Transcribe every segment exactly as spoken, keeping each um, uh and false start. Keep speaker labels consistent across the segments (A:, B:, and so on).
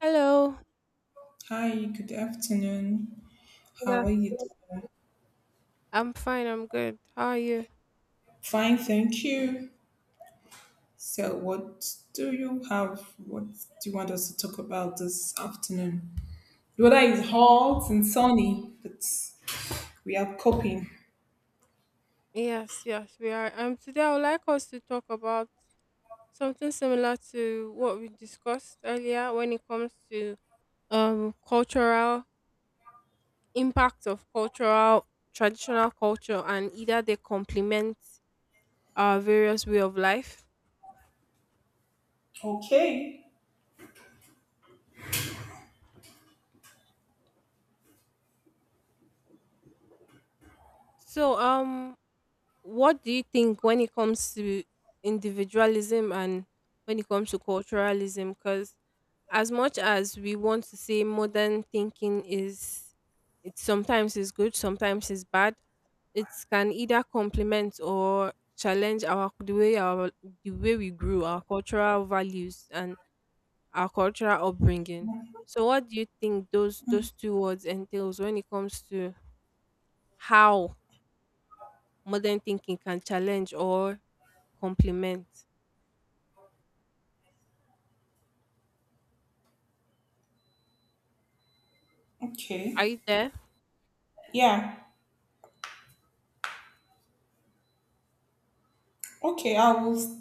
A: Hello.
B: Hi, good afternoon.
A: Good
B: How are you?
A: af- I'm fine. I'm good. How are you?
B: Fine, thank you. So, what do you have? What do you want us to talk about this afternoon? The weather is hot and sunny, but we are coping.
A: Yes, yes, we are. Um, today I would like us to talk about something similar to what we discussed earlier when it comes to um cultural impact of cultural traditional culture and either they complement our various way of life.
B: Okay,
A: So um what do you think when it comes to individualism and when it comes to culturalism? Because as much as we want to say modern thinking is, it sometimes is good, sometimes is bad. It can either complement or challenge our the way our the way we grew, our cultural values and our cultural upbringing. So, what do you think those those two words entails when it comes to how modern thinking can challenge or complement. Are
B: okay.
A: you there?
B: Yeah, okay. I will,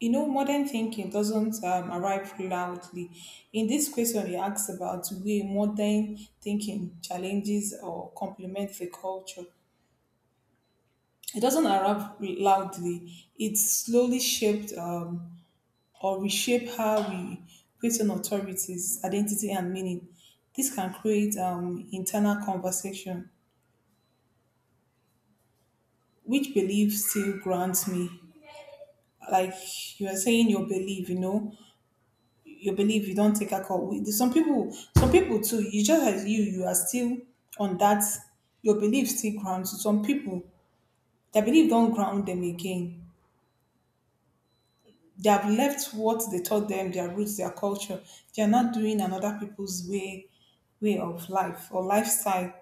B: you know, modern thinking doesn't um, arrive loudly. In this question, he asks about way modern thinking challenges or complements the culture. It doesn't erupt loudly. It slowly shaped um, or reshape how we question authorities, identity, and meaning. This can create um, internal conversation. Which belief still grants me? Like you are saying, your belief, you know, your belief. You don't take a call. We- Some people, some people too. You just as you, you are still on that. Your belief still grounds you. Some people, their belief don't ground them again. They have left what they taught them, their roots, their culture. They are not doing another people's way way of life or lifestyle.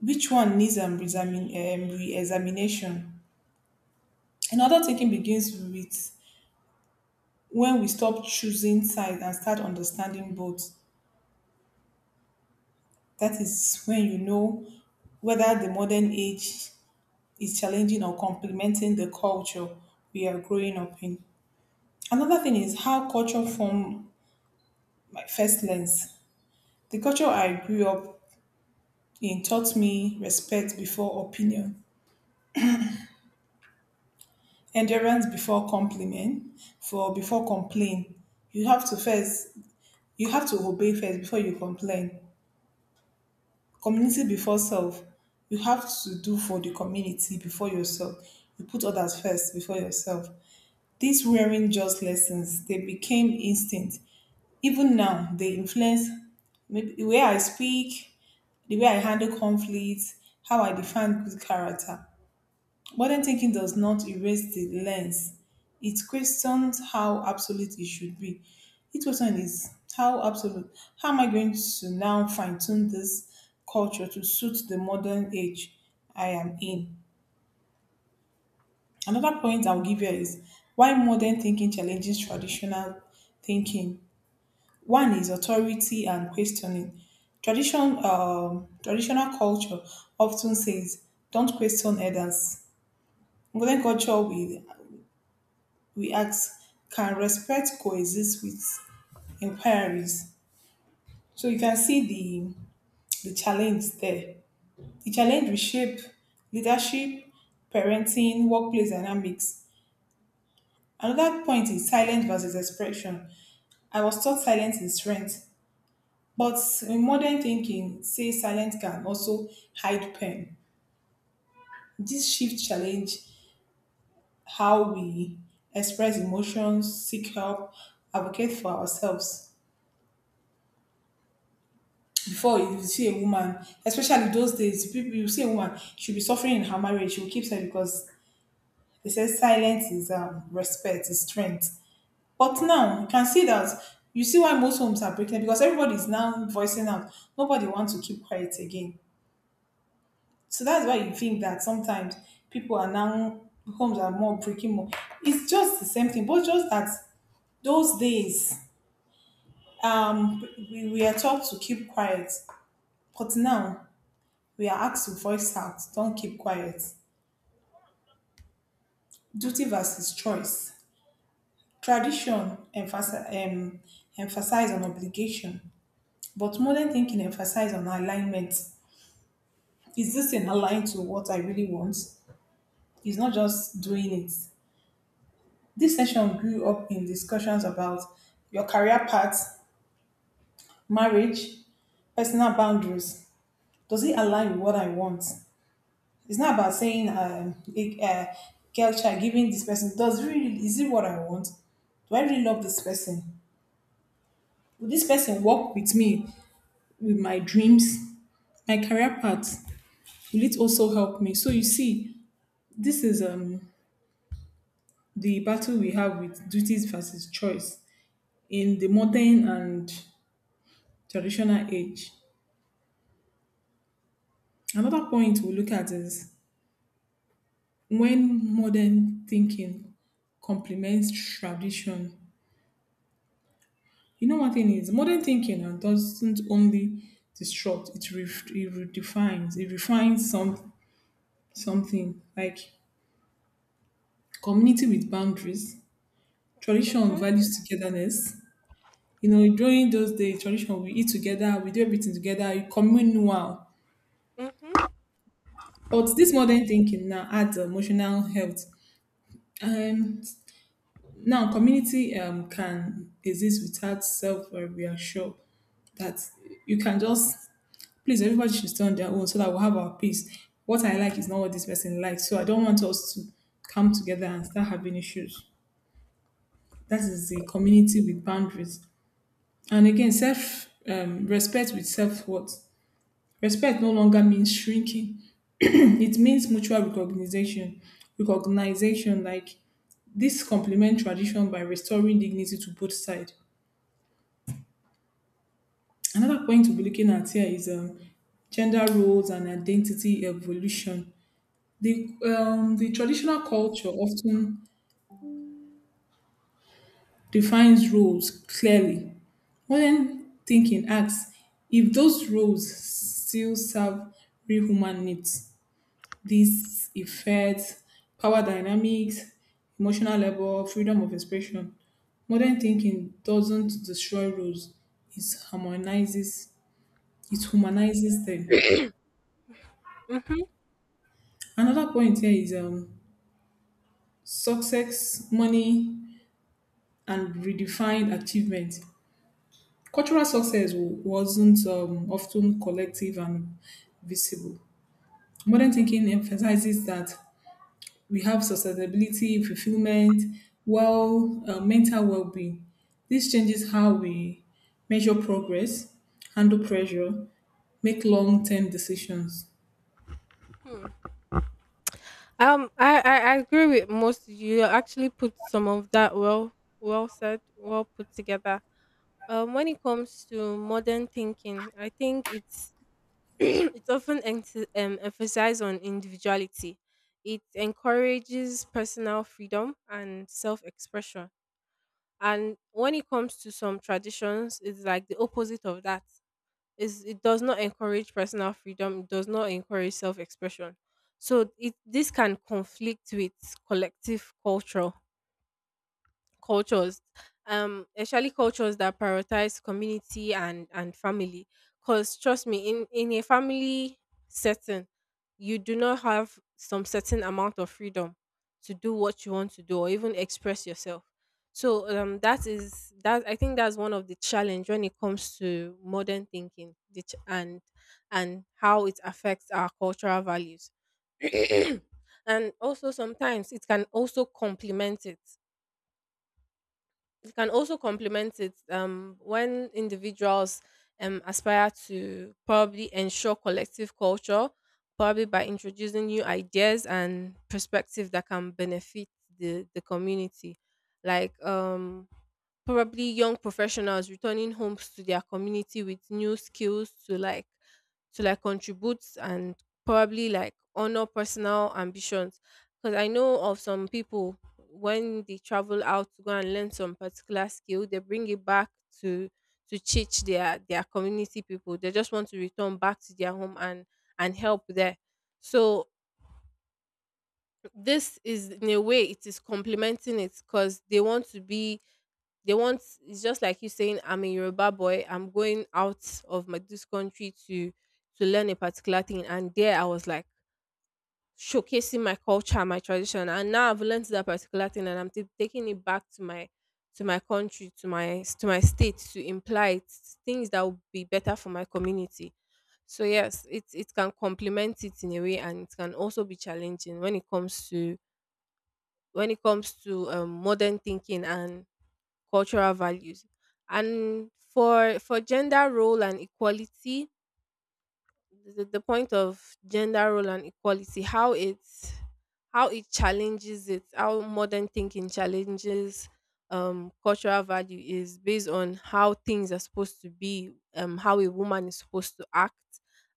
B: Which one needs um, re-examin- um, re-examination? Another thinking begins with when we stop choosing sides and start understanding both. That is when you know whether the modern age is challenging or complementing the culture we are growing up in. Another thing is how culture form my first lens. The culture I grew up, he taught me respect before opinion, endurance before compliment, for before complain. You have to first, you have to obey first before you complain. Community before self. You have to do for the community before yourself. You put others first before yourself. These weren't just lessons; they became instinct. Even now, they influence maybe the way I speak, the way I handle conflicts, how I define good character. Modern thinking does not erase the lens. It questions how absolute it should be. It question is how absolute. How am I going to now fine tune this culture to suit the modern age I am in? Another point I'll give you is why modern thinking challenges traditional thinking. One is authority and questioning. Tradition, um, traditional culture often says, "Don't question elders." Modern culture will we ask, can respect coexist with inquiries? So you can see the the challenge there. The challenge will shape leadership, parenting, workplace dynamics. Another point is silence versus expression. I was taught silence is strength, but in modern thinking, say silence can also hide pain. This shift challenge how we express emotions, seek help, advocate for ourselves. Before if you see a woman, especially those days, people you see a woman, she'll be suffering in her marriage, she'll keep silent because they say silence is um, respect, is strength. But now you can see that you see why most homes are breaking up, because everybody is now voicing out. Nobody wants to keep quiet again. So that's why you think that sometimes people are now homes are more breaking more. It's just the same thing, but just that those days um we, we are taught to keep quiet. But now we are asked to voice out, don't keep quiet. Duty versus choice. Tradition emphasize, um, emphasize on obligation, but modern thinking emphasize on alignment. Is this thing aligned to what I really want? It's not just doing it. This session grew up in discussions about your career path, marriage, personal boundaries. Does it align with what I want? It's not about saying, uh, it- uh, girl child, giving this person, does really, is it what I want? Do I really love this person? Will this person walk with me with my dreams, my career path? Will it also help me? So you see, this is um the battle we have with duties versus choice in the modern and traditional age. Another point we look at is when modern thinking complements tradition. You know, one thing is modern thinking and doesn't only disrupt; it, ref- it redefines. It refines some something like community with boundaries, tradition
A: Mm-hmm,
B: values togetherness. You know, during those days, tradition we eat together, we do everything together, you communal.
A: mm-hmm,
B: But this modern thinking now adds emotional health. And now community um, can exist without self-reassure that you can just please, everybody should stay on their own so that we'll have our peace. What I like is not what this person likes. So I don't want us to come together and start having issues. That is the community with boundaries. And again, self um, respect with self worth. Respect no longer means shrinking. It means mutual recognition. Recognition like this complement tradition by restoring dignity to both sides. Another point to be looking at here is um, gender roles and identity evolution. The, um, the traditional culture often defines roles clearly. Modern thinking asks if those roles still serve real human needs. This affects power dynamics, emotional labor, freedom of expression. Modern thinking doesn't destroy roles; it harmonizes, it humanizes them.
A: mm-hmm.
B: Another point here is um, success, money, and redefined achievement. Cultural success w- wasn't um, often collective and visible. Modern thinking emphasizes that we have sustainability, fulfillment, well, uh, mental well-being. This changes how we measure progress, handle pressure, make long-term decisions.
A: Um, I, I I agree with most. You actually put some of that well, well said, well put together. Um, when it comes to modern thinking, I think it's it's often emph- um, emphasized on individuality. It encourages personal freedom and self-expression. And when it comes to some traditions, it's like the opposite of that is it does not encourage personal freedom, it does not encourage self-expression. So it this can conflict with collective culture cultures, um, especially cultures that prioritize community and and family, because trust me, in in a family setting, you do not have some certain amount of freedom to do what you want to do or even express yourself. So, um that is that, I think that's one of the challenge when it comes to modern thinking, the ch- and and how it affects our cultural values. and also sometimes it can also complement it. You can also complement it, um, when individuals, um, aspire to probably ensure collective culture, probably by introducing new ideas and perspectives that can benefit the, the community. Like, um, probably young professionals returning homes to their community with new skills to like to like contribute and probably like honor personal ambitions, because I know of some people when they travel out to go and learn some particular skill, they bring it back to to teach their their community people. They just want to return back to their home and and help there. So this is in a way it is complementing it, because they want to be, they want, it's just like you saying I'm a Yoruba boy, I'm going out of my this country to to learn a particular thing and there I was like showcasing my culture, my tradition. And now I've learned that particular thing, and I'm t- taking it back to my to my country, to my to my state, to imply it, things that would be better for my community. So yes, it it can complement it in a way, and it can also be challenging when it comes to when it comes to um, modern thinking and cultural values. And for for gender role and equality, the, the point of gender role and equality, how it's how it challenges it, how modern thinking challenges, um, cultural value is based on how things are supposed to be, um, how a woman is supposed to act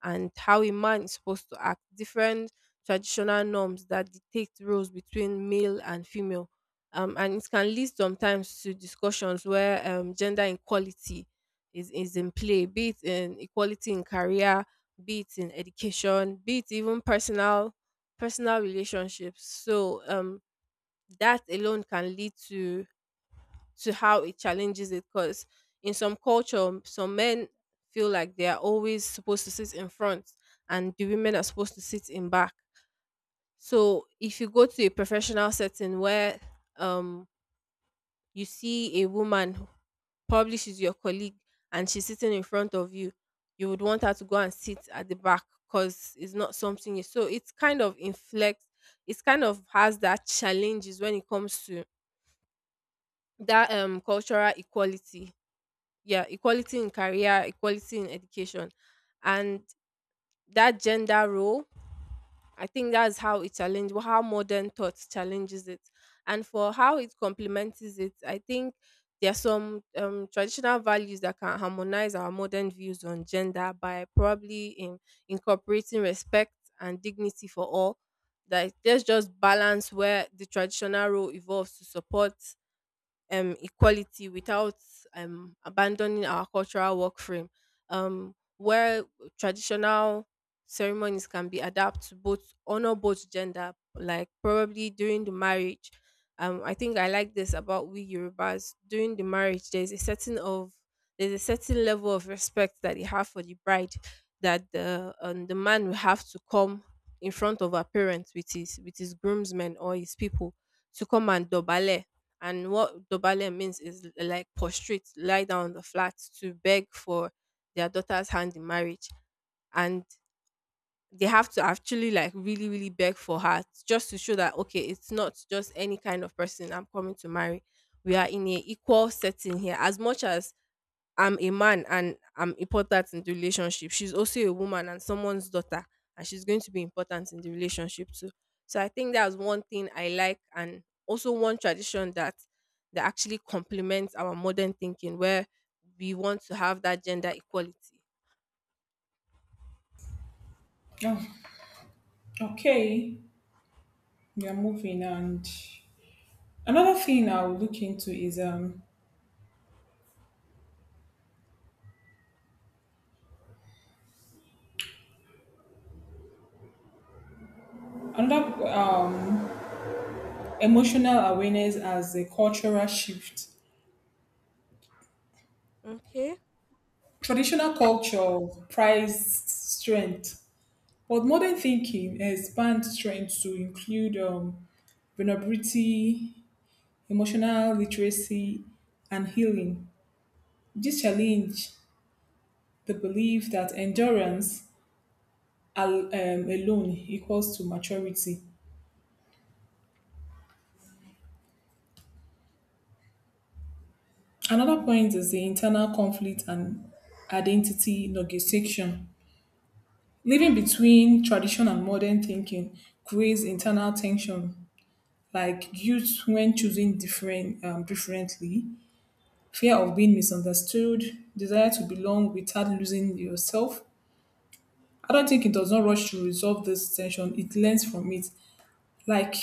A: and how a man is supposed to act, different traditional norms that dictate roles between male and female. Um, and it can lead sometimes to discussions where um gender equality is, is in play, be it in equality in career, be it in education, be it even personal personal relationships. So um that alone can lead to to how it challenges it, because in some culture some men feel like they are always supposed to sit in front and the women are supposed to sit in back. So if you go to a professional setting where, um, you see a woman, probably she's your colleague and she's sitting in front of you, you would want her to go and sit at the back because it's not something you, so it's kind of inflects, it's kind of has that challenges when it comes to that, um, cultural equality. Yeah, equality in career, equality in education, and that gender role, I think that's how it challenge, how modern thought challenges it. And for how it complements it, I think there are some, um, traditional values that can harmonize our modern views on gender by probably in, incorporating respect and dignity for all. That there's just balance where the traditional role evolves to support, um, equality without, um, abandoning our cultural work frame, um, where traditional ceremonies can be adapted to both honor both gender, like probably during the marriage. Um, I think I like this about we Yorubas during the marriage. There's a certain of there's a certain level of respect that they have for the bride, that the, um, the man will have to come in front of her parents with his with his groomsmen or his people to come and dobale, and what Dobale means is like prostrate, lie down on the flat, to beg for their daughter's hand in marriage. And they have to actually like really, really beg for her just to show that okay, it's not just any kind of person I'm coming to marry. We are in a equal setting here. As much as I'm a man and I'm important in the relationship. She's also a woman and someone's daughter, and she's going to be important in the relationship too. So I think that's one thing I like, and also one tradition that that actually complements our modern thinking, where we want to have that gender equality.
B: Oh, okay. We are moving, and another thing I'll look into is um another um emotional awareness as a cultural shift.
A: Okay.
B: Traditional culture prized strength, but modern thinking expands strength to include um, vulnerability, emotional literacy, and healing. This challenge the belief that endurance al- um, alone equals to maturity. Another point is the internal conflict and identity negotiation. Living between tradition and modern thinking creates internal tension like guilt when choosing different um, differently, fear of being misunderstood, desire to belong without losing yourself. I don't think it does not rush to resolve this tension. It learns from it. Like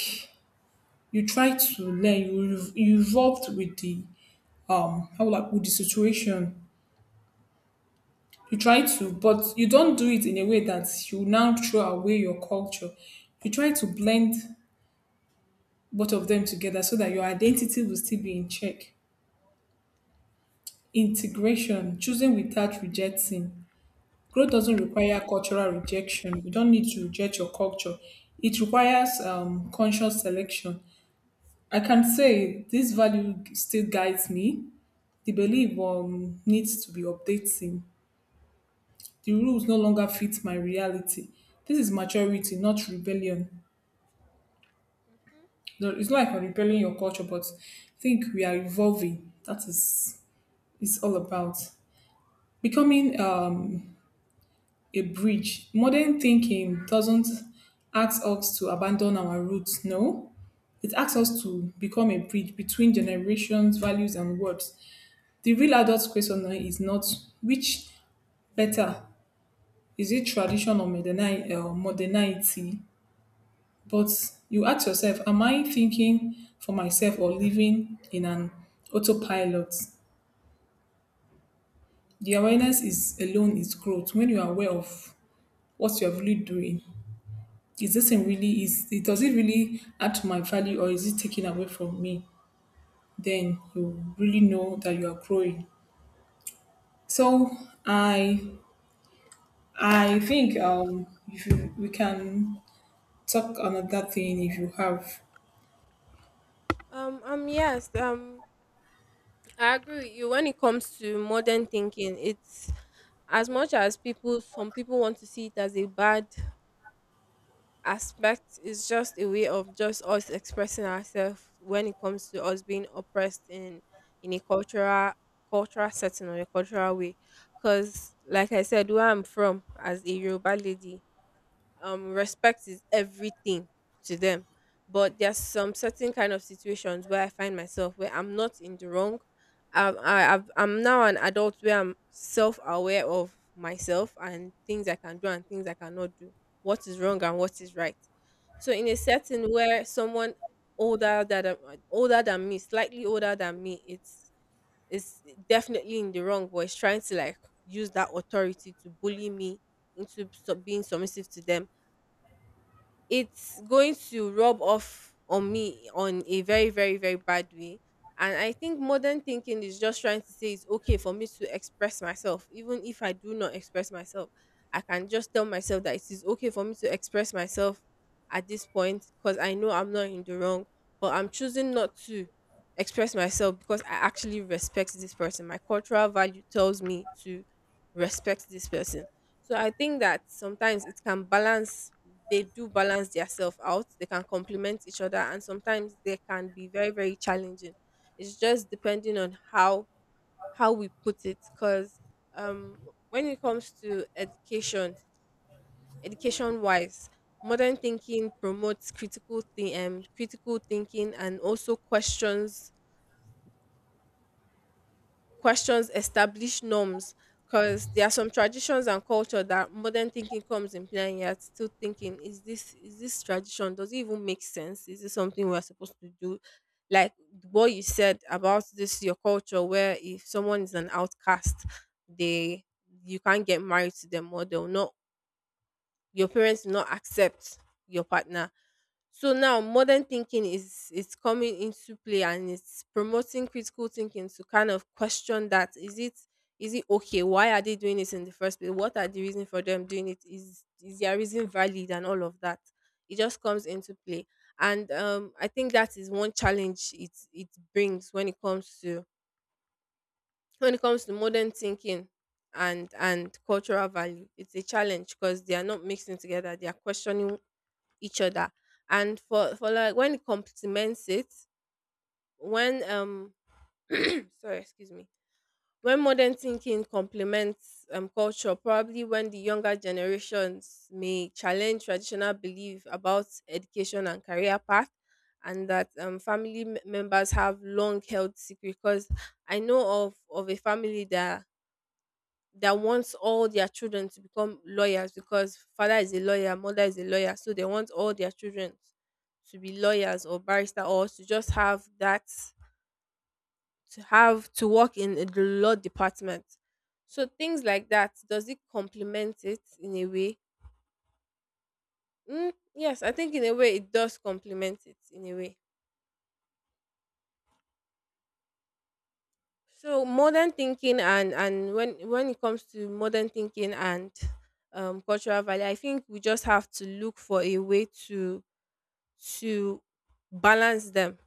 B: you try to learn, you ev- you evolved with the um how will I put the situation. You try to, but you don't do it in a way that you now throw away your culture. You try to blend both of them together so that your identity will still be in check. Integration, choosing without rejecting. Growth doesn't require cultural rejection. You don't need to reject your culture. It requires um, conscious selection. I can say this value still guides me. The belief um, needs to be updating. The rules no longer fit my reality. This is maturity, not rebellion.
A: Mhm.
B: No, it's not like I'm rebelling your culture, but I think we are evolving. That is, it's all about becoming um, a bridge. Modern thinking doesn't ask us to abandon our roots, no. It asks us to become a bridge between generations, values, and words. The real adult question now is not which better, is it tradition or moderni- uh, modernity? But you ask yourself, am I thinking for myself or living in an autopilot? The awareness is alone is growth. When you are aware of what you are really doing, is this thing really is it does it really add to my value or is it taken away from me, then you really know that you are growing. So i i think um if you, we can talk another thing if you have.
A: Um. Um. Yes. Um. I agree with you. When it comes to modern thinking, it's as much as people, some people want to see it as a bad aspect, is just a way of just us expressing ourselves when it comes to us being oppressed in in a cultural cultural setting or a cultural way, because like I said, where I'm from as a Yoruba lady, um, respect is everything to them. But there's some certain kind of situations where I find myself where I'm not in the wrong. Um, I, I've, I'm now an adult where I'm self-aware of myself and things I can do and things I cannot do, what is wrong and what is right. So in a setting where someone older than older than me, slightly older than me, it's it's definitely in the wrong, but it's trying to like use that authority to bully me into sub- being submissive to them, it's going to rub off on me on a very very very bad way. And I think modern thinking is just trying to say it's okay for me to express myself. Even if I do not express myself, I can just tell myself that it is okay for me to express myself at this point because I know I'm not in the wrong, but I'm choosing not to express myself because I actually respect this person. My cultural value tells me to respect this person. So I think that sometimes it can balance, they do balance themselves out. They can complement each other, and sometimes they can be very, very challenging. It's just depending on how how we put it. Because, um, when it comes to education, education wise, modern thinking promotes critical thi- um, critical thinking and also questions questions established norms, because there are some traditions and culture that modern thinking comes in play and you're still thinking, is this, is this tradition, does it even make sense, is this something we're supposed to do, like what you said about this your culture where if someone is an outcast, they, you can't get married to them, or they'll not, your parents will not accept your partner. So now modern thinking is is coming into play and it's promoting critical thinking to kind of question that. Is it, is it okay? Why are they doing this in the first place? What are the reason for them doing it? Is is their reason valid and all of that? It just comes into play. And, um, I think that is one challenge it it brings when it comes to when it comes to modern thinking and and cultural value. It's a challenge because they are not mixing together, they are questioning each other. And for for like when it complements it, when um, sorry excuse me, when modern thinking complements um culture, probably when the younger generations may challenge traditional belief about education and career path and that, um, family m- members have long held secret. Because I know of of a family that that wants all their children to become lawyers because father is a lawyer, mother is a lawyer, so they want all their children to be lawyers or barrister or to just have that to have to work in the law department. So things like that, does it complement it in a way? Mm, yes, I think in a way it does complement it in a way. So modern thinking and and when when it comes to modern thinking and um, cultural value, I think we just have to look for a way to to balance them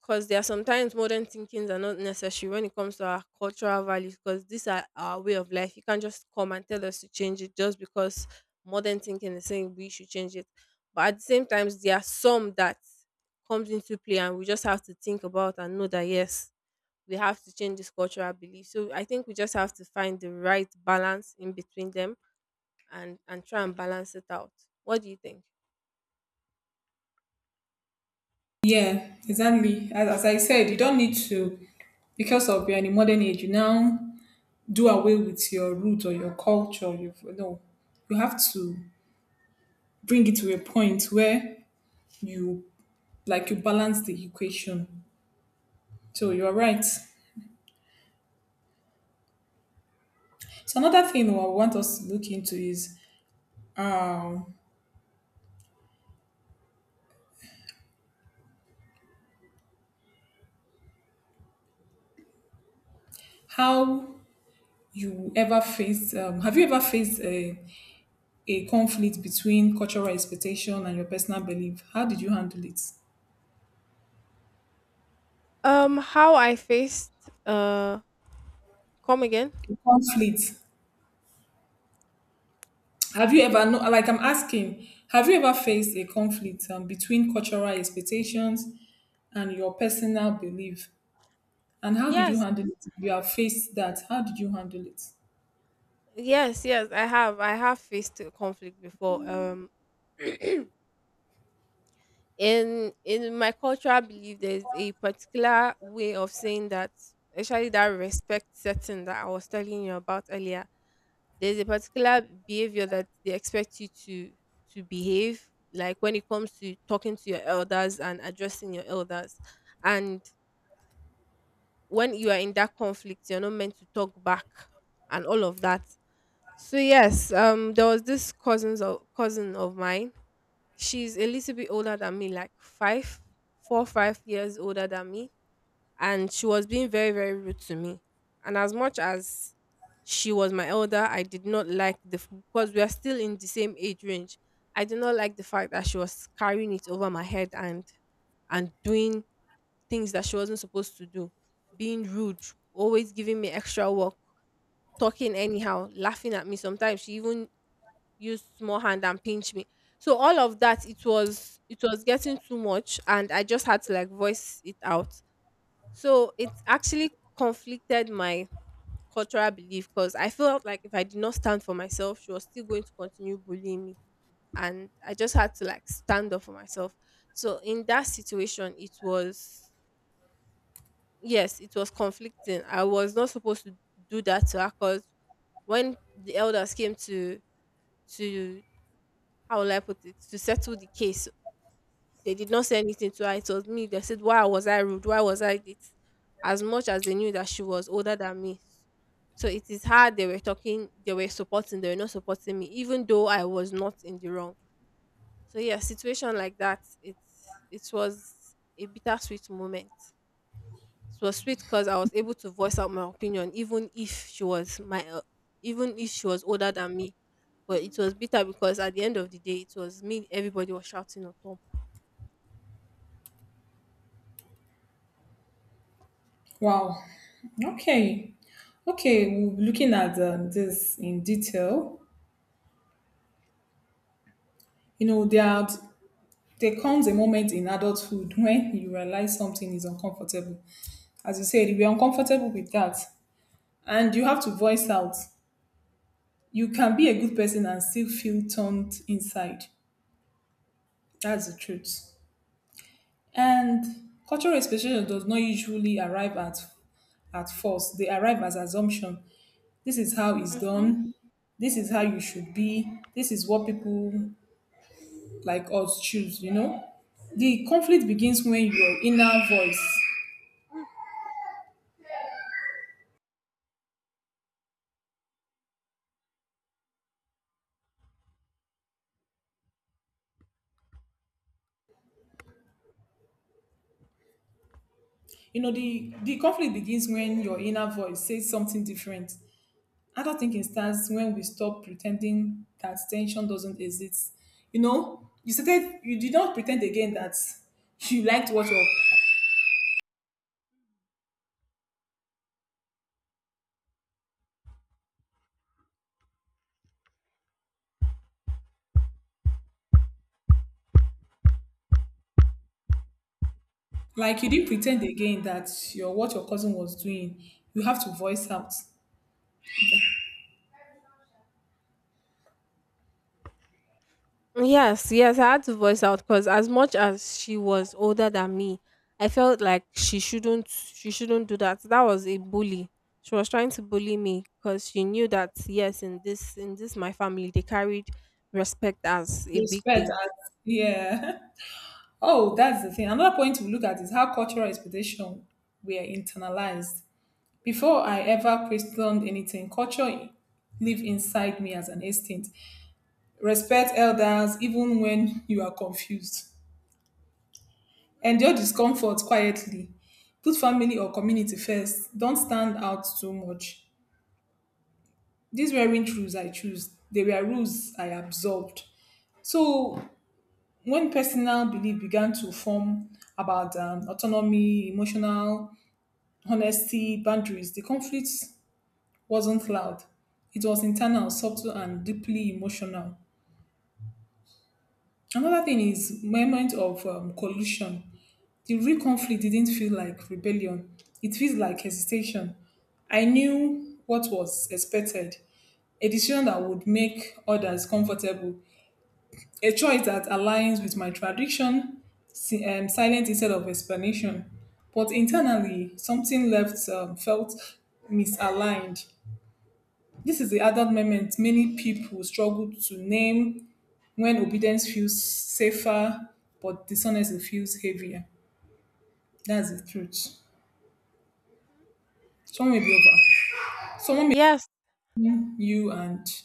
A: because there are sometimes modern thinkings are not necessary when it comes to our cultural values because these are our way of life. You can't just come and tell us to change it just because modern thinking is saying we should change it. But at the same time, there are some that comes into play and we just have to think about and know that yes, we have to change this cultural belief. So I think we just have to find the right balance in between them and and try and balance it out. What do you think?
B: Yeah, exactly, as, as I said, you don't need to because of you're in a modern age you now do away with your root or your culture. You know, you have to bring it to a point where you like you balance the equation. So you're right. So another thing I want us to look into is how you ever faced, um, have you ever faced a, a conflict between cultural expectation and your personal belief? How did you handle it?
A: Um, how I faced uh Come again?
B: A conflict. Have you ever, no, like I'm asking, have you ever faced a conflict um, between cultural expectations and your personal belief? And how did you
A: Yes,
B: handle it? If you have faced that, how did you handle it?
A: yes, yes. I have. I have faced a conflict before. Um, in in my cultural belief, there's a particular way of saying that, especially that respect setting that I was telling you about earlier. There's a particular behavior that they expect you to to behave, like when it comes to talking to your elders and addressing your elders, and when you are in that conflict, you're not meant to talk back and all of that. So yes, um, there was this cousins of cousin of mine. She's a little bit older than me, like five, four, five years older than me, and she was being very, very rude to me. And as much as she was my elder, I did not like the f- because we are still in the same age range. I did not like the fact that she was carrying it over my head and and doing things that she wasn't supposed to do, being rude, always giving me extra work, talking anyhow, laughing at me. Sometimes she even use small hand and pinch me. So all of that, it was it was getting too much and I just had to like voice it out. So it actually conflicted my cultural belief because I felt like if I did not stand for myself, she was still going to continue bullying me. And I just had to like stand up for myself. So in that situation, it was, yes, it was conflicting. I was not supposed to do that to her because when the elders came to to how will I put it? To settle the case. They did not say anything to her. It was me. They said, why was I rude? Why was I this? As much as they knew that she was older than me. So it is her they were talking, they were supporting, they were not supporting me, even though I was not in the wrong. So yeah, situation like that, it's it was a bittersweet moment. It was sweet because I was able to voice out my opinion, even if she was my, uh, even if she was older than me. But it was bitter because at the end of the day, it was me. Everybody was shouting at.
B: Wow. Okay. Okay, we'll be looking at um, this in detail. You know, there, there comes a moment in adulthood when you realize something is uncomfortable. As you said, we're uncomfortable with that. And you have to voice out. You can be a good person and still feel turned inside. That's the truth. And cultural expectation does not usually arrive at at first. They arrive as assumption. This is how it's
A: Mhm.
B: done. This is how you should be. This is what people like us choose, you know? The conflict begins when your inner voice. You know, the, the conflict begins when your inner voice says something different. Adult thinking starts when we stop pretending that tension doesn't exist. You know, you started, you did not pretend again that you liked what your, like you didn't pretend again that your what your cousin was doing. You have to voice out
A: Yes, yes, I had to voice out because as much as she was older than me, I felt like she shouldn't she shouldn't do that. That was a bully. She was trying to bully me because she knew that yes, in this in this my family they carried respect as a big
B: respect.
A: thing.
B: As, yeah. Oh, that's the thing. Another point to look at is how cultural expectation were internalized. Before I ever questioned anything, culture lived inside me as an instinct. Respect elders even when you are confused. Endure discomfort quietly. Put family or community first. Don't stand out too much. These weren't rules I chose. They were rules I absorbed. So when personal belief began to form about um, autonomy, emotional honesty, boundaries, the conflicts wasn't loud. It was internal, subtle, and deeply emotional. Another thing is moment of um, collusion. The real conflict didn't feel like rebellion. It feels like hesitation. I knew what was expected. A decision that would make others comfortable. A choice that aligns with my tradition, si- um, silent instead of explanation. But internally, something left um, felt misaligned. This is the added moment many people struggle to name when obedience feels safer, but dishonesty feels heavier. That's the truth. Someone may be over. Someone may
A: Yes,
B: name you and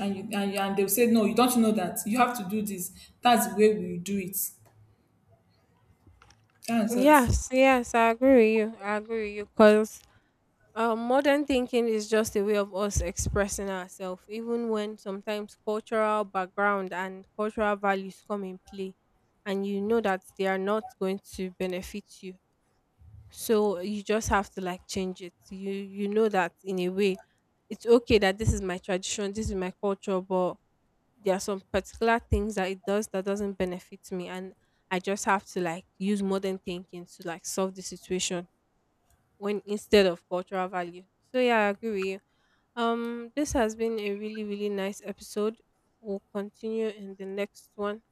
B: and you and, you, and they'll say, "No, you don't know that. You have to do this. That's the way we do it." That's it.
A: yes, yes, I agree with you. I agree with you because Um, modern thinking is just a way of us expressing ourselves, even when sometimes cultural background and cultural values come in play, and you know that they are not going to benefit you. So you just have to like change it. You you know that in a way, it's okay that this is my tradition, this is my culture, but there are some particular things that it does that doesn't benefit me, and I just have to like use modern thinking to like solve the situation when instead of cultural value. So yeah, I agree with you. Um, this has been a really, really nice episode. We'll continue in the next one.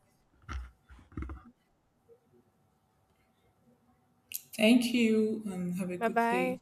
B: Thank you and have a
A: Bye
B: good day.
A: bye.